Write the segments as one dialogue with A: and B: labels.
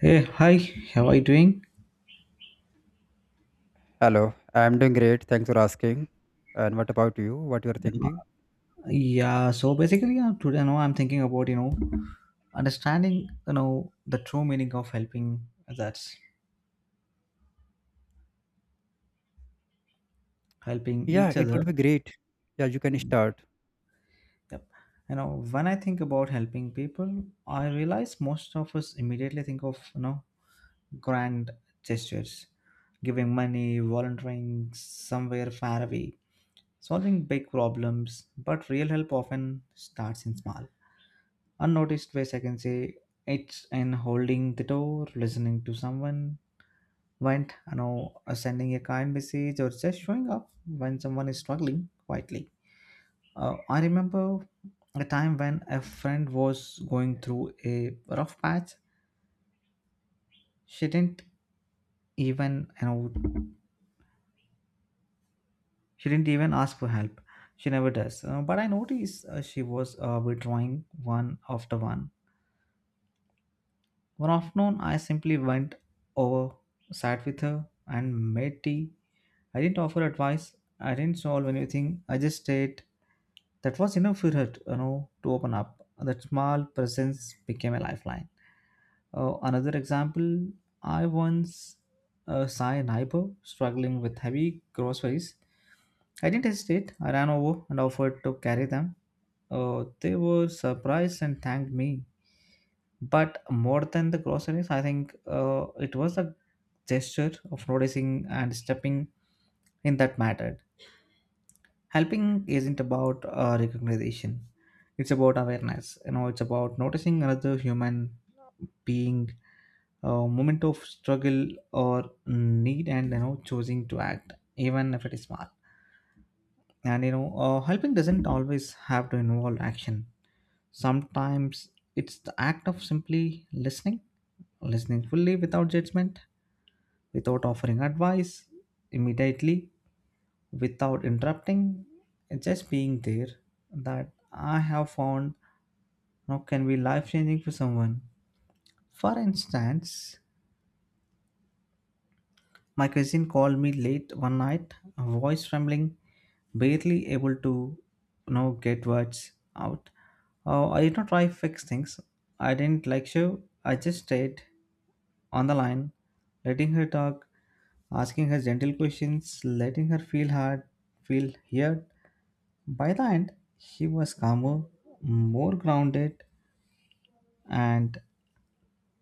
A: Hey, hi, how are you doing?
B: Hello, I'm doing great. Thanks for asking. And what about you? What you're thinking?
A: Yeah, so basically, yeah, today, I'm thinking about, understanding, the true meaning of helping that's helping
B: Yeah,
A: each
B: it would
A: other.
B: be great. Yeah, you can start.
A: Yep. You know, when I think about helping people, I realize most of us immediately think of, grand gestures, giving money, volunteering somewhere far away, solving big problems, but real help often starts in small unnoticed ways, I can say. It's in holding the door, listening to someone, went, sending a kind message or just showing up when someone is struggling quietly. I remember a time when a friend was going through a rough patch. She didn't even, you know, she didn't even ask for help. She never does. But I noticed she was withdrawing one after one. One afternoon, I simply went over, sat with her, and made tea. I didn't offer advice. I didn't solve anything. I just stayed. That was enough for her, you know, to open up. That small presence became a lifeline. Another example, I once saw a neighbor struggling with heavy groceries. I didn't hesitate. I ran over and offered to carry them. Oh, they were surprised and thanked me. But more than the groceries, I think it was a gesture of noticing and stepping in that mattered. Helping isn't about recognition, it's about awareness. You know, it's about noticing another human being, a moment of struggle or need, and you know, choosing to act, even if it is small. And helping doesn't always have to involve action. Sometimes it's the act of simply listening, listening fully without judgment, without offering advice immediately, without interrupting, and just being there that I have found now can be life changing for someone. For instance, my cousin called me late one night, voice trembling, barely able to, you know, get words out. I did not try to fix things. I didn't lecture. I just stayed on the line, letting her talk, asking her gentle questions, letting her feel hard, feel heard. By the end, she was calmer, more grounded, and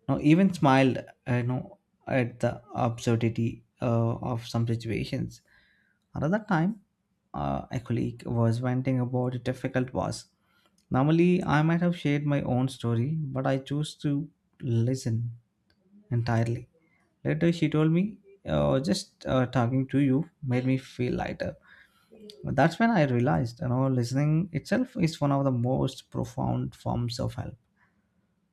A: no even smiled, you know, at the absurdity of some situations. Another time, a colleague was venting about a difficult boss. Normally I might have shared my own story, but I chose to listen entirely. Later she told me, just talking to you made me feel lighter." That's when I realized, you know, listening itself is one of the most profound forms of help.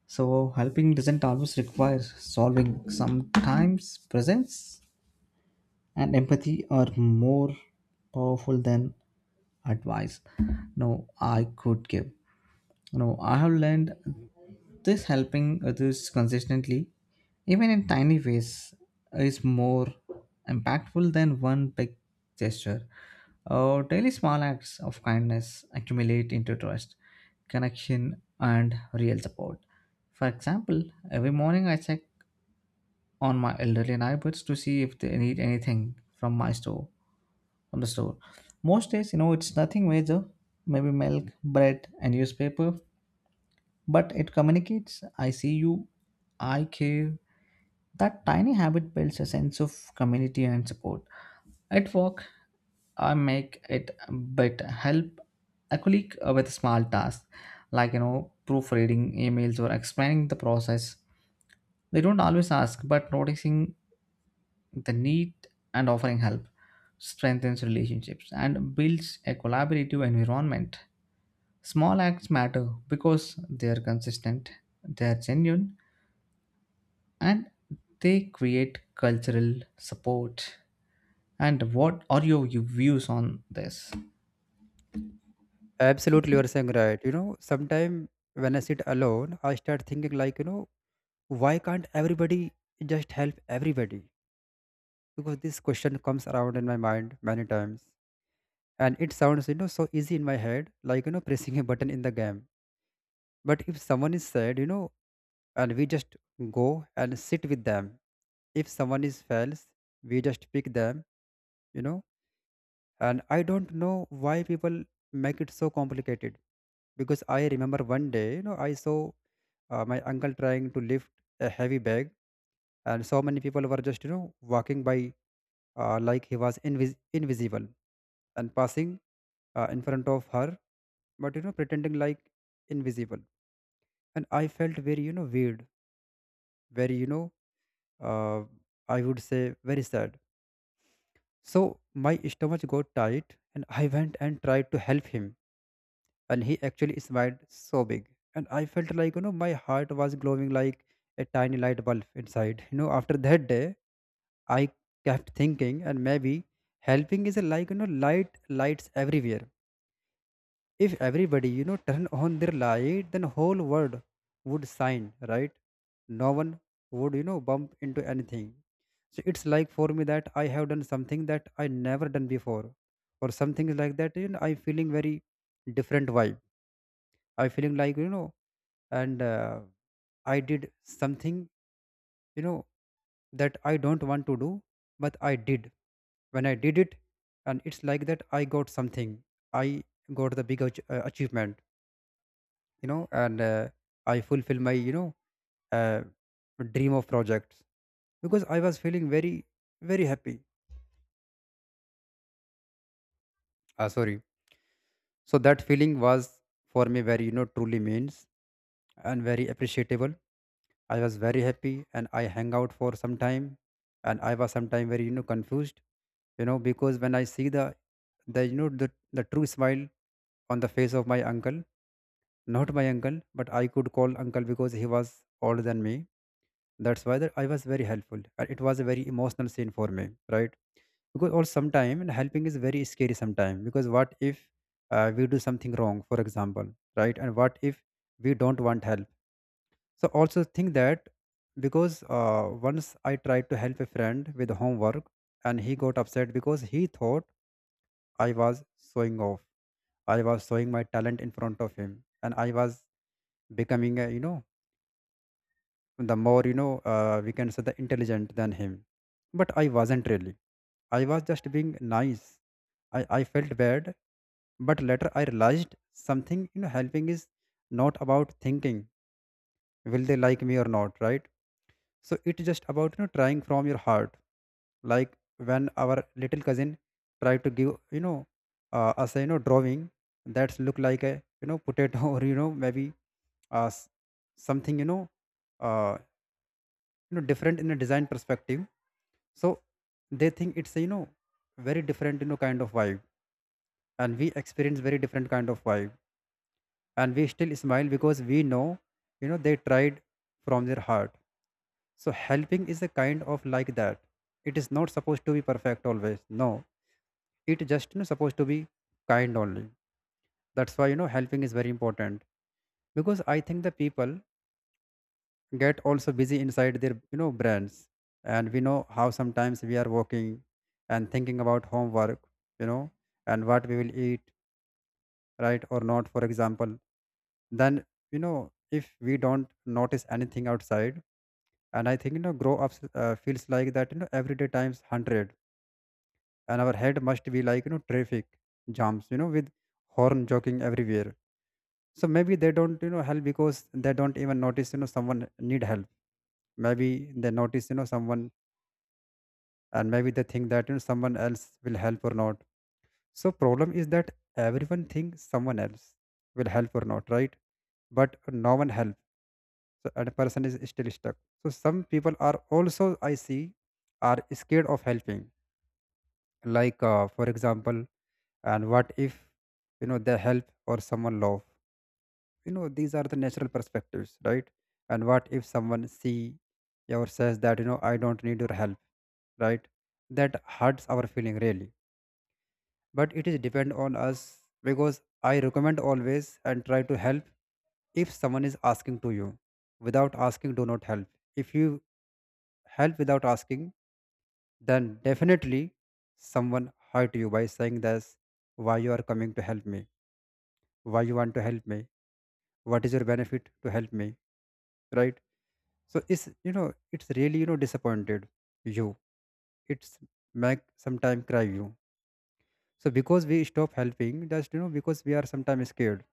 A: So helping doesn't always require solving, sometimes presence and empathy are more powerful than advice no I could give. No, I have learned this: helping others consistently, even in tiny ways, is more impactful than one big gesture. Daily small acts of kindness accumulate into trust, connection, and real support. For example, every morning I check on my elderly neighbors to see if they need anything from my store, from the store. Most days, you know, it's nothing major, maybe milk, bread, and newspaper, but it communicates I see you, I care. That tiny habit builds a sense of community and support. At work, I make it a bit help a colleague with a small task, like you know, proofreading emails or explaining the process. They don't always ask, but noticing the need and offering help strengthens relationships and builds a collaborative environment. Small acts matter because they are consistent, they are genuine, and they create cultural support. And what are your views on this?
B: Absolutely, you're saying right. Sometime when I sit alone, I start thinking why can't everybody just help everybody? Because this question comes around in my mind many times. And it sounds, so easy in my head, pressing a button in the game. But if someone is sad, and we just go and sit with them. If someone is fails, we just pick them, you know and I don't know why people make it so complicated because I remember one day I saw my uncle trying to lift a heavy bag, and so many people were just walking by, like he was invisible and passing in front of her, but pretending like invisible. And I felt very, weird, very, uh, I would say very sad. So my stomach got tight and I went and tried to help him, and he actually smiled so big, and I felt like my heart was glowing like a tiny light bulb inside. After that day I kept thinking, and maybe helping is like, light, lights everywhere. If everybody turn on their light, then whole world would shine, right? No one would bump into anything. So it's like for me that I have done something that I never done before, or something like that. I feeling very different vibe. I feeling like, you know and I did something, you know that I don't want to do, but I did. When I did it, and it's like that I got something. I got the big achievement, you know and I fulfill my, uh, dream of projects, because I was feeling very very happy. Sorry. So that feeling was for me very, truly means, and very appreciable. I was very happy and I hang out for some time. And I was sometime very, confused, because when I see the true smile on the face of my uncle, not my uncle, but I could call uncle because he was older than me. That's why that I was very helpful. And it was a very emotional scene for me, right? Because or sometime and helping is very scary sometime, because what if we do something wrong, for example, right? And what if we don't want help? So also think that, because once I tried to help a friend with homework, and he got upset because he thought I was showing off. I was showing my talent in front of him, and I was becoming a, the more, we can say the intelligent than him. But I wasn't really. I was just being nice. I felt bad, but later I realized something. Helping is not about thinking will they like me or not, right? So it's just about, trying from your heart, like when our little cousin tried to give, us a, drawing that's look like a, potato or uh, s- something, uh, different in a design perspective. So they think it's a, very different, kind of vibe, and we experience very different kind of vibe, and we still smile because we know, they tried from their heart. So helping is a kind of like that. It is not supposed to be perfect always. No, it just, supposed to be kind only. That's why, helping is very important, because I think the people get also busy inside their, brains, and we know how sometimes we are working and thinking about homework, you know, and what we will eat, right or not, for example. Then if we don't notice anything outside, and I think grow ups feels like that, everyday times 100, and our head must be like, traffic jams, with horn joking everywhere. So maybe they don't, help because they don't even notice, someone need help. Maybe they notice, someone, and maybe they think that, someone else will help or not. So problem is that everyone thinks someone else will help or not, right? But no one help. So and a person is still stuck. So some people are also I see are scared of helping, like for example, and what if, they help or someone love, these are the natural perspectives, right? And what if someone see or says that, I don't need your help, right? That hurts our feeling really. But it is depend on us, because I recommend always and try to help if someone is asking to you. Without asking do not help. If you help without asking, then definitely someone hurt you by saying this: why you are coming to help me, why you want to help me, what is your benefit to help me, right? So it's, it's really, disappointed you. It's make sometime cry you. So because we stop helping just, because we are sometimes scared,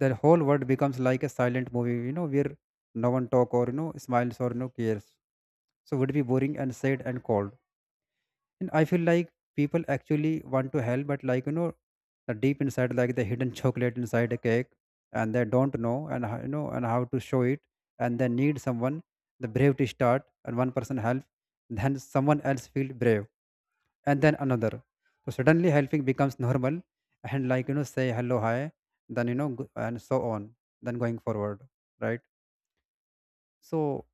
B: the whole world becomes like a silent movie, where no one talk or, smiles or no cares. So would be boring and sad and cold. And I feel like people actually want to help, but like, the deep inside, like the hidden chocolate inside a cake, and they don't know and and how to show it, and they need someone the brave to start, and one person help, then someone else feel brave, and then another. So suddenly helping becomes normal, and like, say hello, hi, then and so on, then going forward, right? So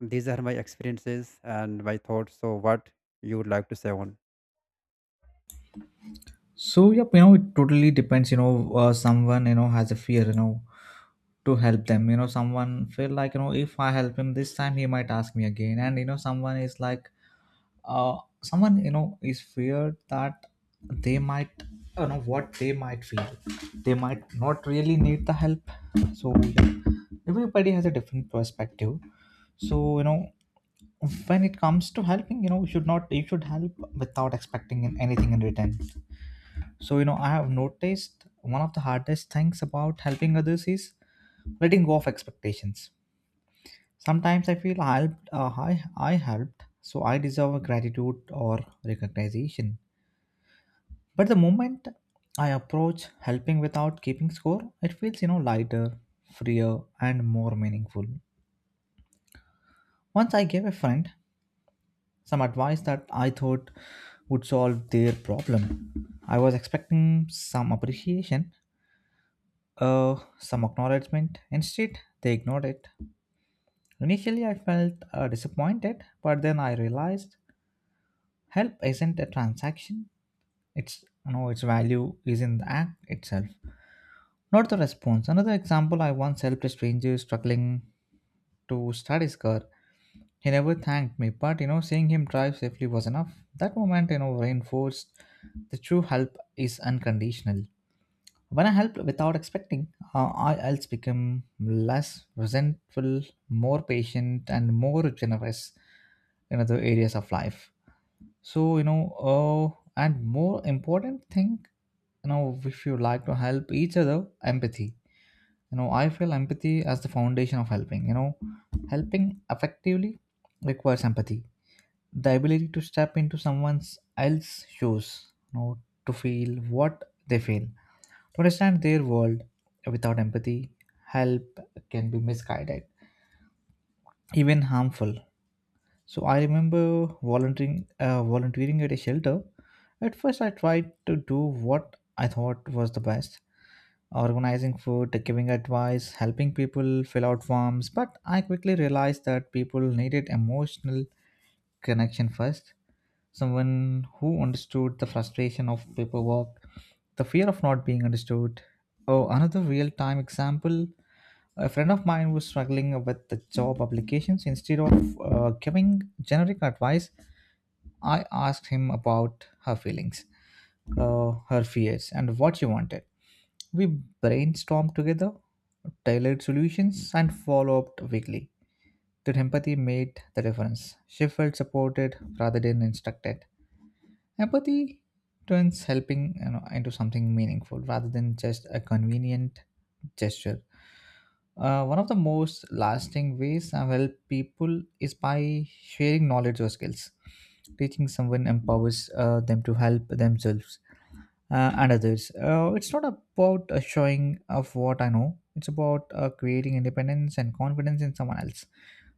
B: these are my experiences and my thoughts. So what you would like to say on?
A: So yep, you know, it totally depends. You know, someone you know has a fear. You know, to help them. You know, someone feel like, you know, if I help him this time, he might ask me again. And you know, someone is like, uh, someone you know is feared that they might, you know, what they might feel, they might not really need the help. So yeah, everybody has a different perspective. So you know, when it comes to helping, you know, you should help without expecting anything in return. So you know, I have noticed one of the hardest things about helping others is letting go of expectations. Sometimes I feel I helped, I helped, so I deserve gratitude or recognition. But the moment I approach helping without keeping score, it feels, you know, lighter, freer, and more meaningful. Once I gave a friend some advice that I thought would solve their problem. I was expecting some appreciation, some acknowledgement. Instead, they ignored it. Initially, I felt disappointed, but then I realized help isn't a transaction. It's, you know, its value is in the act itself, not the response. Another example: I once helped a stranger struggling to start his car. He never thanked me, but you know, seeing him drive safely was enough. That moment, you know, reinforced the true help is unconditional. When I help without expecting, I else become less resentful, more patient, and more generous in other areas of life. So you know, and more important thing, you know, if you like to help each other, empathy, you know, I feel empathy as the foundation of helping, you know, helping effectively requires empathy, the ability to step into someone's else shoes, you know, to feel what they feel, to understand their world. Without empathy, help can be misguided, even harmful. So I remember volunteering at a shelter. At first, I tried to do what I thought was the best: organizing food, giving advice, helping people fill out forms. But I quickly realized that people needed emotional connection first, someone who understood the frustration of paperwork, the fear of not being understood. Oh, another real time example: a friend of mine was struggling with the job applications. Instead of giving generic advice, I asked him about her feelings, her fears, and what she wanted. We brainstormed together, tailored solutions, and followed up weekly. That empathy made the difference. She felt supported rather than instructed. Empathy turns helping, you know, into something meaningful rather than just a convenient gesture. One of the most lasting ways I've helped people is by sharing knowledge or skills. Teaching someone empowers them to help themselves and others. It's not about a showing of what I know. It's about creating independence and confidence in someone else.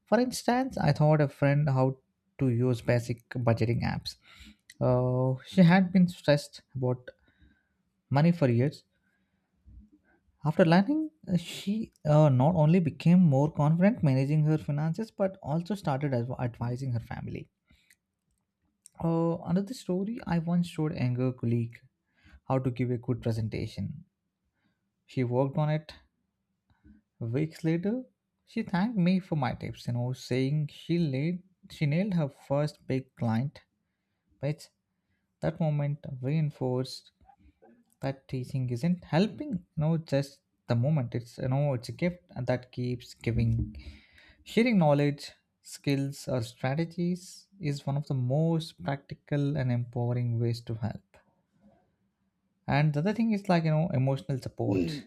A: For instance, I taught a friend how to use basic budgeting apps. She had been stressed about money for years. After learning, she not only became more confident managing her finances but also started advising her family. Another story: I once showed a younger colleague how to give a good presentation. She worked on it. Weeks later, she thanked me for my tips, you know, saying she nailed her first big client. But that moment reinforced that teaching isn't helping, you know, just the moment. It's, you know, it's a gift that keeps giving. Sharing knowledge, skills or strategies is one of the most practical and empowering ways to help. And the other thing is like, you know, emotional support.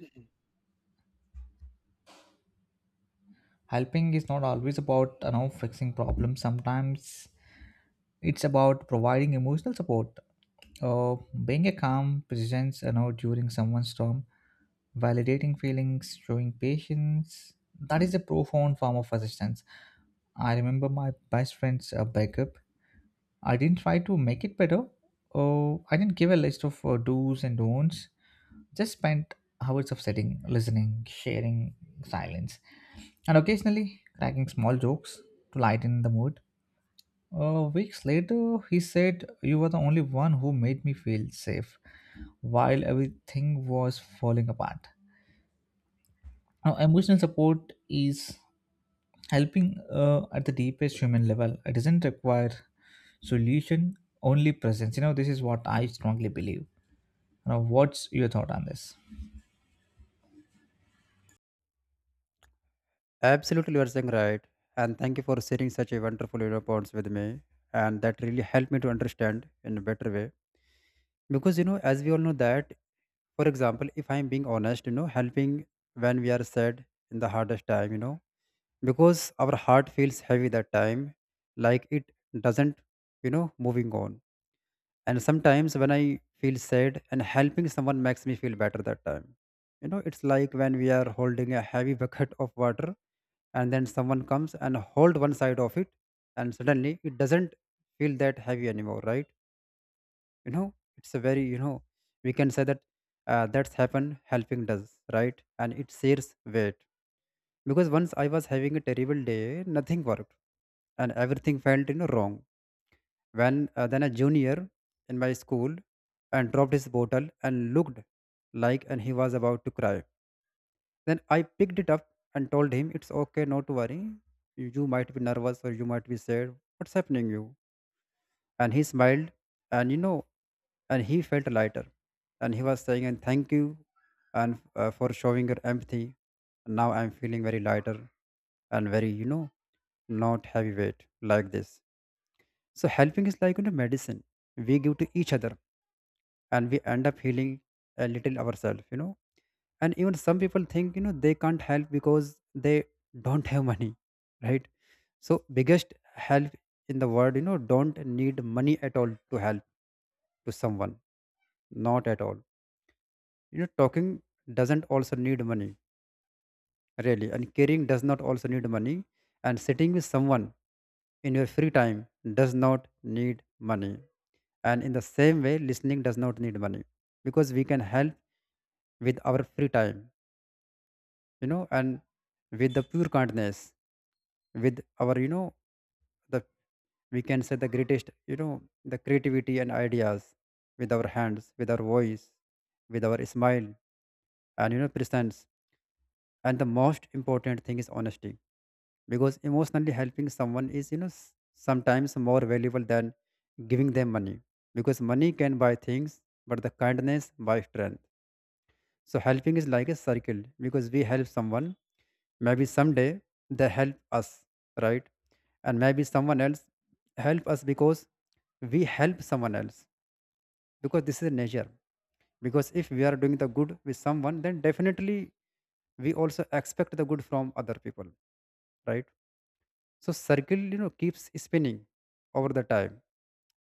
A: Helping is not always about, you know, fixing problems. Sometimes it's about providing emotional support, uh, being a calm presence, you know, during someone's storm, validating feelings, showing patience. That is a profound form of assistance. I remember my best friend's backup. I didn't try to make it better. Oh, I didn't give a list of do's and don'ts. Just spent hours of sitting, listening, sharing silence, and occasionally cracking small jokes to lighten the mood. Weeks later, he said, "You were the only one who made me feel safe while everything was falling apart." Now, emotional support is helping at the deepest human level. It doesn't require solution, only presence. You know, this is what I strongly believe. Now, what's your thought on this?
B: Absolutely, you are saying right. And thank you for sharing such a wonderful, points with me. And that really helped me to understand in a better way. Because, as we all know that, for example, if I'm being honest, helping when we are sad in the hardest time, because our heart feels heavy that time, like it doesn't, moving on. And sometimes when I feel sad and helping someone makes me feel better that time, it's like when we are holding a heavy bucket of water, and then someone comes and hold one side of it, and suddenly it doesn't feel that heavy anymore, right? It's a very, we can say that, that's happened helping does, right? And it shares weight, because once I was having a terrible day, nothing worked and everything felt, wrong, when then a junior in my school and dropped his bottle and looked like and he was about to cry. Then I picked it up and told him it's okay, not to worry. You might be nervous or you might be sad, what's happening you? And he smiled, and he felt lighter, and he was saying and thank you, and for showing your empathy, now I'm feeling very lighter and very, not heavyweight like this. So helping is like, medicine we give to each other, and we end up healing a little ourselves, and even some people think they can't help because they don't have money right? So biggest help in the world, don't need money at all to help to someone, not at all. Talking doesn't also need money really, and caring does not also need money, and sitting with someone in your free time does not need money, and in the same way listening does not need money, because we can help with our free time, and with the pure kindness, with our, the, we can say the greatest, the creativity and ideas, with our hands, with our voice, with our smile, and, presence. And the most important thing is honesty, because emotionally helping someone is, sometimes more valuable than giving them money, because money can buy things, but the kindness buys strength. So helping is like a circle, because we help someone, maybe someday they help us, right? And maybe someone else help us because we help someone else, because this is nature, because if we are Doing the good with someone, then definitely we also expect the good from other people, right? So circle, keeps spinning over the time.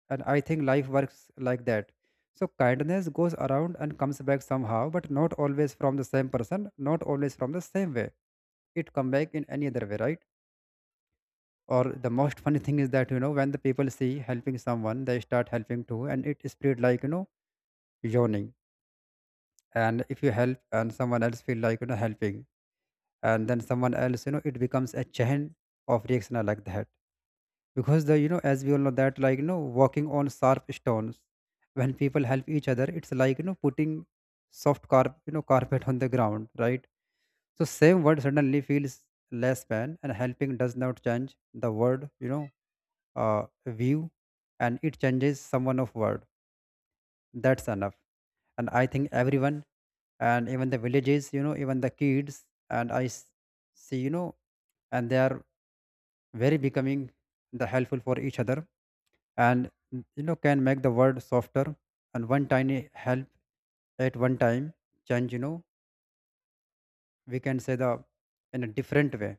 B: And I think life works like that. So kindness goes around and comes back somehow, but not always from the same person, not always from the same way. It come back in any other way, right? Or the most funny thing is that, when the people see helping someone, they start helping too, and it spread like, yawning. And if you help and someone else feel like, helping, and then someone else, it becomes a chain of reaction like that. Because the, as we all know that, like, walking on sharp stones, when people help each other, it's like, putting soft carp carpet on the ground, right? So same word suddenly feels less pain, and helping does not change the word, view, and it changes someone of world. That's enough. And I think everyone, and even the villages, even the kids, and see, and they are very becoming the helpful for each other. And can make the world softer. And one tiny help at one time change, we can say the, in a different way,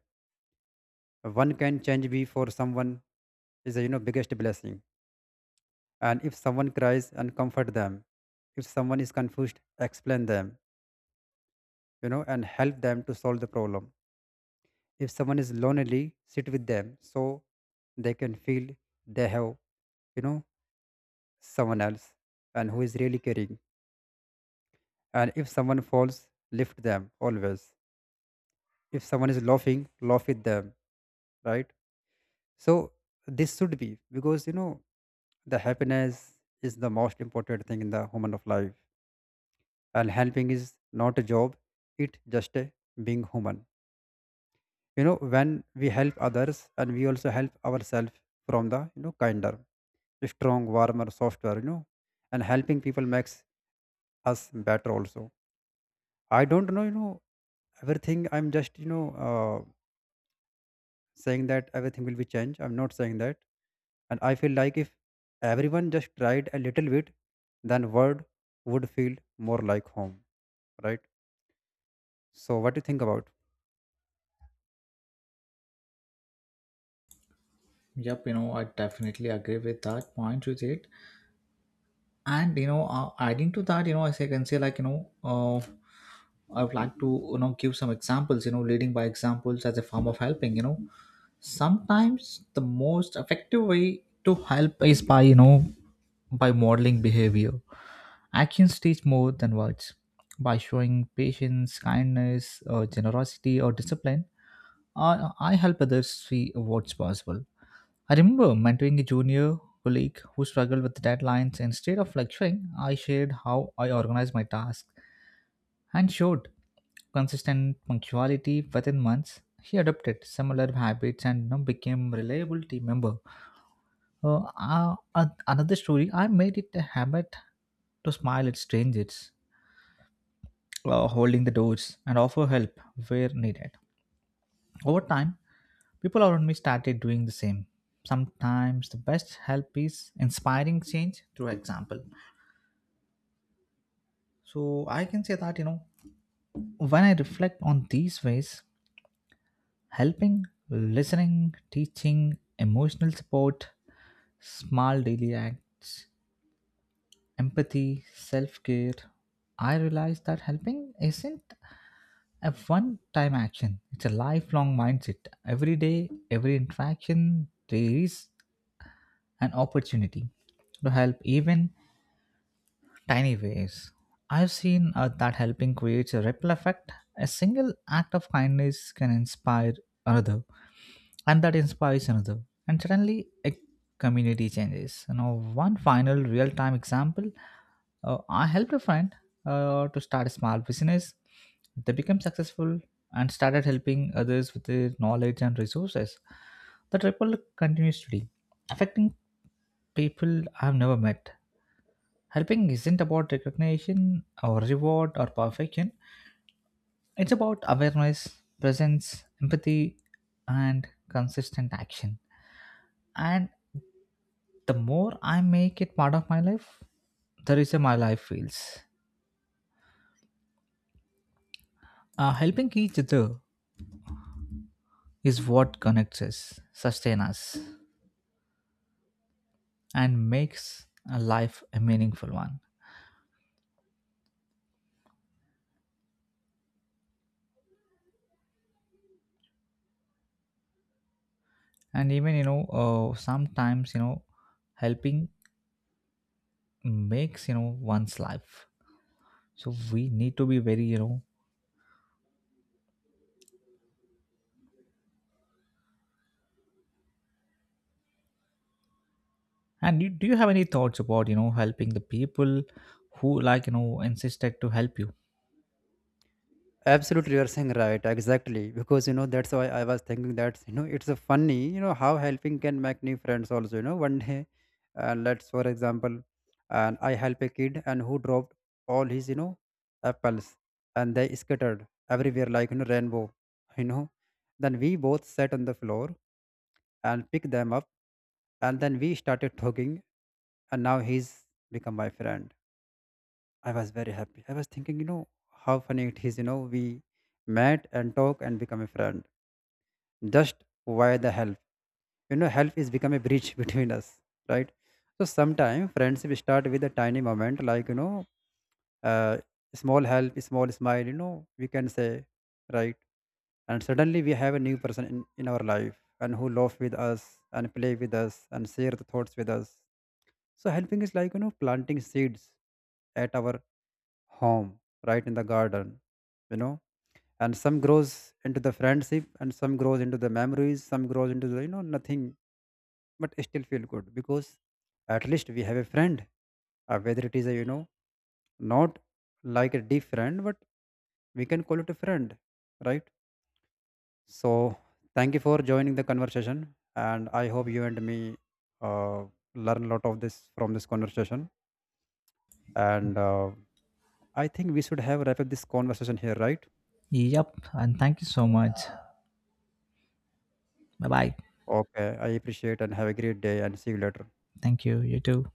B: one can change be for someone is a, biggest blessing. And if someone cries and comfort them, if someone is confused, explain them, and help them to solve the problem. If someone is lonely, sit with them, so they can feel they have, you know someone else, and who is really caring. And if someone falls, lift them always. If someone is laughing, laugh with them, right? So this should be, because the happiness is the most important thing in the human of life. And helping is not a job, it just a being human. When we help others, and we also help ourselves from the, kinder, strong, warmer, softer, and helping people makes us better also. I don't know, everything, I'm just, uh, saying that everything will be changed. I'm not saying that. And I feel like if everyone just tried a little bit, then world would feel more like home, right? So what do you think about
A: Yep, you know, I definitely agree with that point you did. And you know, adding to that, you know, as I can say, like you know, I would like to, you know, give some examples, you know, leading by examples as a form of helping, you know, sometimes the most effective way to help is by, you know, by modeling behavior. Actions teach more than words. By showing patience, kindness, generosity or discipline, I help others see what's possible. I remember mentoring a junior colleague who struggled with deadlines. Instead of lecturing, I shared how I organized my tasks and showed consistent punctuality. Within months, he adopted similar habits and, you know, became a reliable team member. Another story: I made it a habit to smile at strangers, holding the doors, and offer help where needed. Over time, people around me started doing the same. Sometimes the best help is inspiring change through example. So I can say that, you know, when I reflect on these ways, helping, listening, teaching, emotional support, small daily acts, empathy, self care, I realize that helping isn't a one time action, it's a lifelong mindset. Every day, every interaction, there is an opportunity to help even tiny ways. I've seen that helping creates a ripple effect. A single act of kindness can inspire another, and that inspires another, and suddenly a community changes. You know, one final real-time example: I helped a friend to start a small business. They became successful and started helping others with their knowledge and resources. The ripple continues today, affecting people I've never met. Helping isn't about recognition or reward or perfection, it's about awareness, presence, empathy, and consistent action. And the more I make it part of my life, the richer my life feels. Helping each other is what connects us, sustains us, and makes a life a meaningful one. And even, sometimes, you know, helping makes, you know, one's life. So we need to be very, you know. And you, do you have any thoughts about, you know, helping the people who like, you know, insisted to help you?
B: Absolutely, you are saying right. Exactly. Because, that's why I was thinking that, it's a funny, how helping can make new friends also. You know, one day, let's, for example, and I help a kid and who dropped all his, apples, and they scattered everywhere like, rainbow, you know. Then we both sat on the floor and picked them up, and then we started talking, and now he's become my friend. I was very happy. I was thinking, how funny it is, we met and talk and become a friend. Just via the help. Help is become a bridge between us, right? So sometimes friendship start with a tiny moment, like, uh, small help, small smile, we can say, right? And suddenly we have a new person in our life, and who laugh with us and play with us and share the thoughts with us. So helping is like, planting seeds at our home, right, in the garden, you know and some grows into the friendship, and some grows into the memories, some grows into the, nothing, but still feel good because at least we have a friend, whether it is a, not like a deep friend, but we can call it a friend, right? So thank you for joining the conversation, and I hope you and me, uh, learn a lot of this from this conversation. And I think we should have wrap up this conversation here, right?
A: Yep. And thank you so much. Bye bye.
B: Okay, I appreciate and have a great day and see you later.
A: Thank you. You too.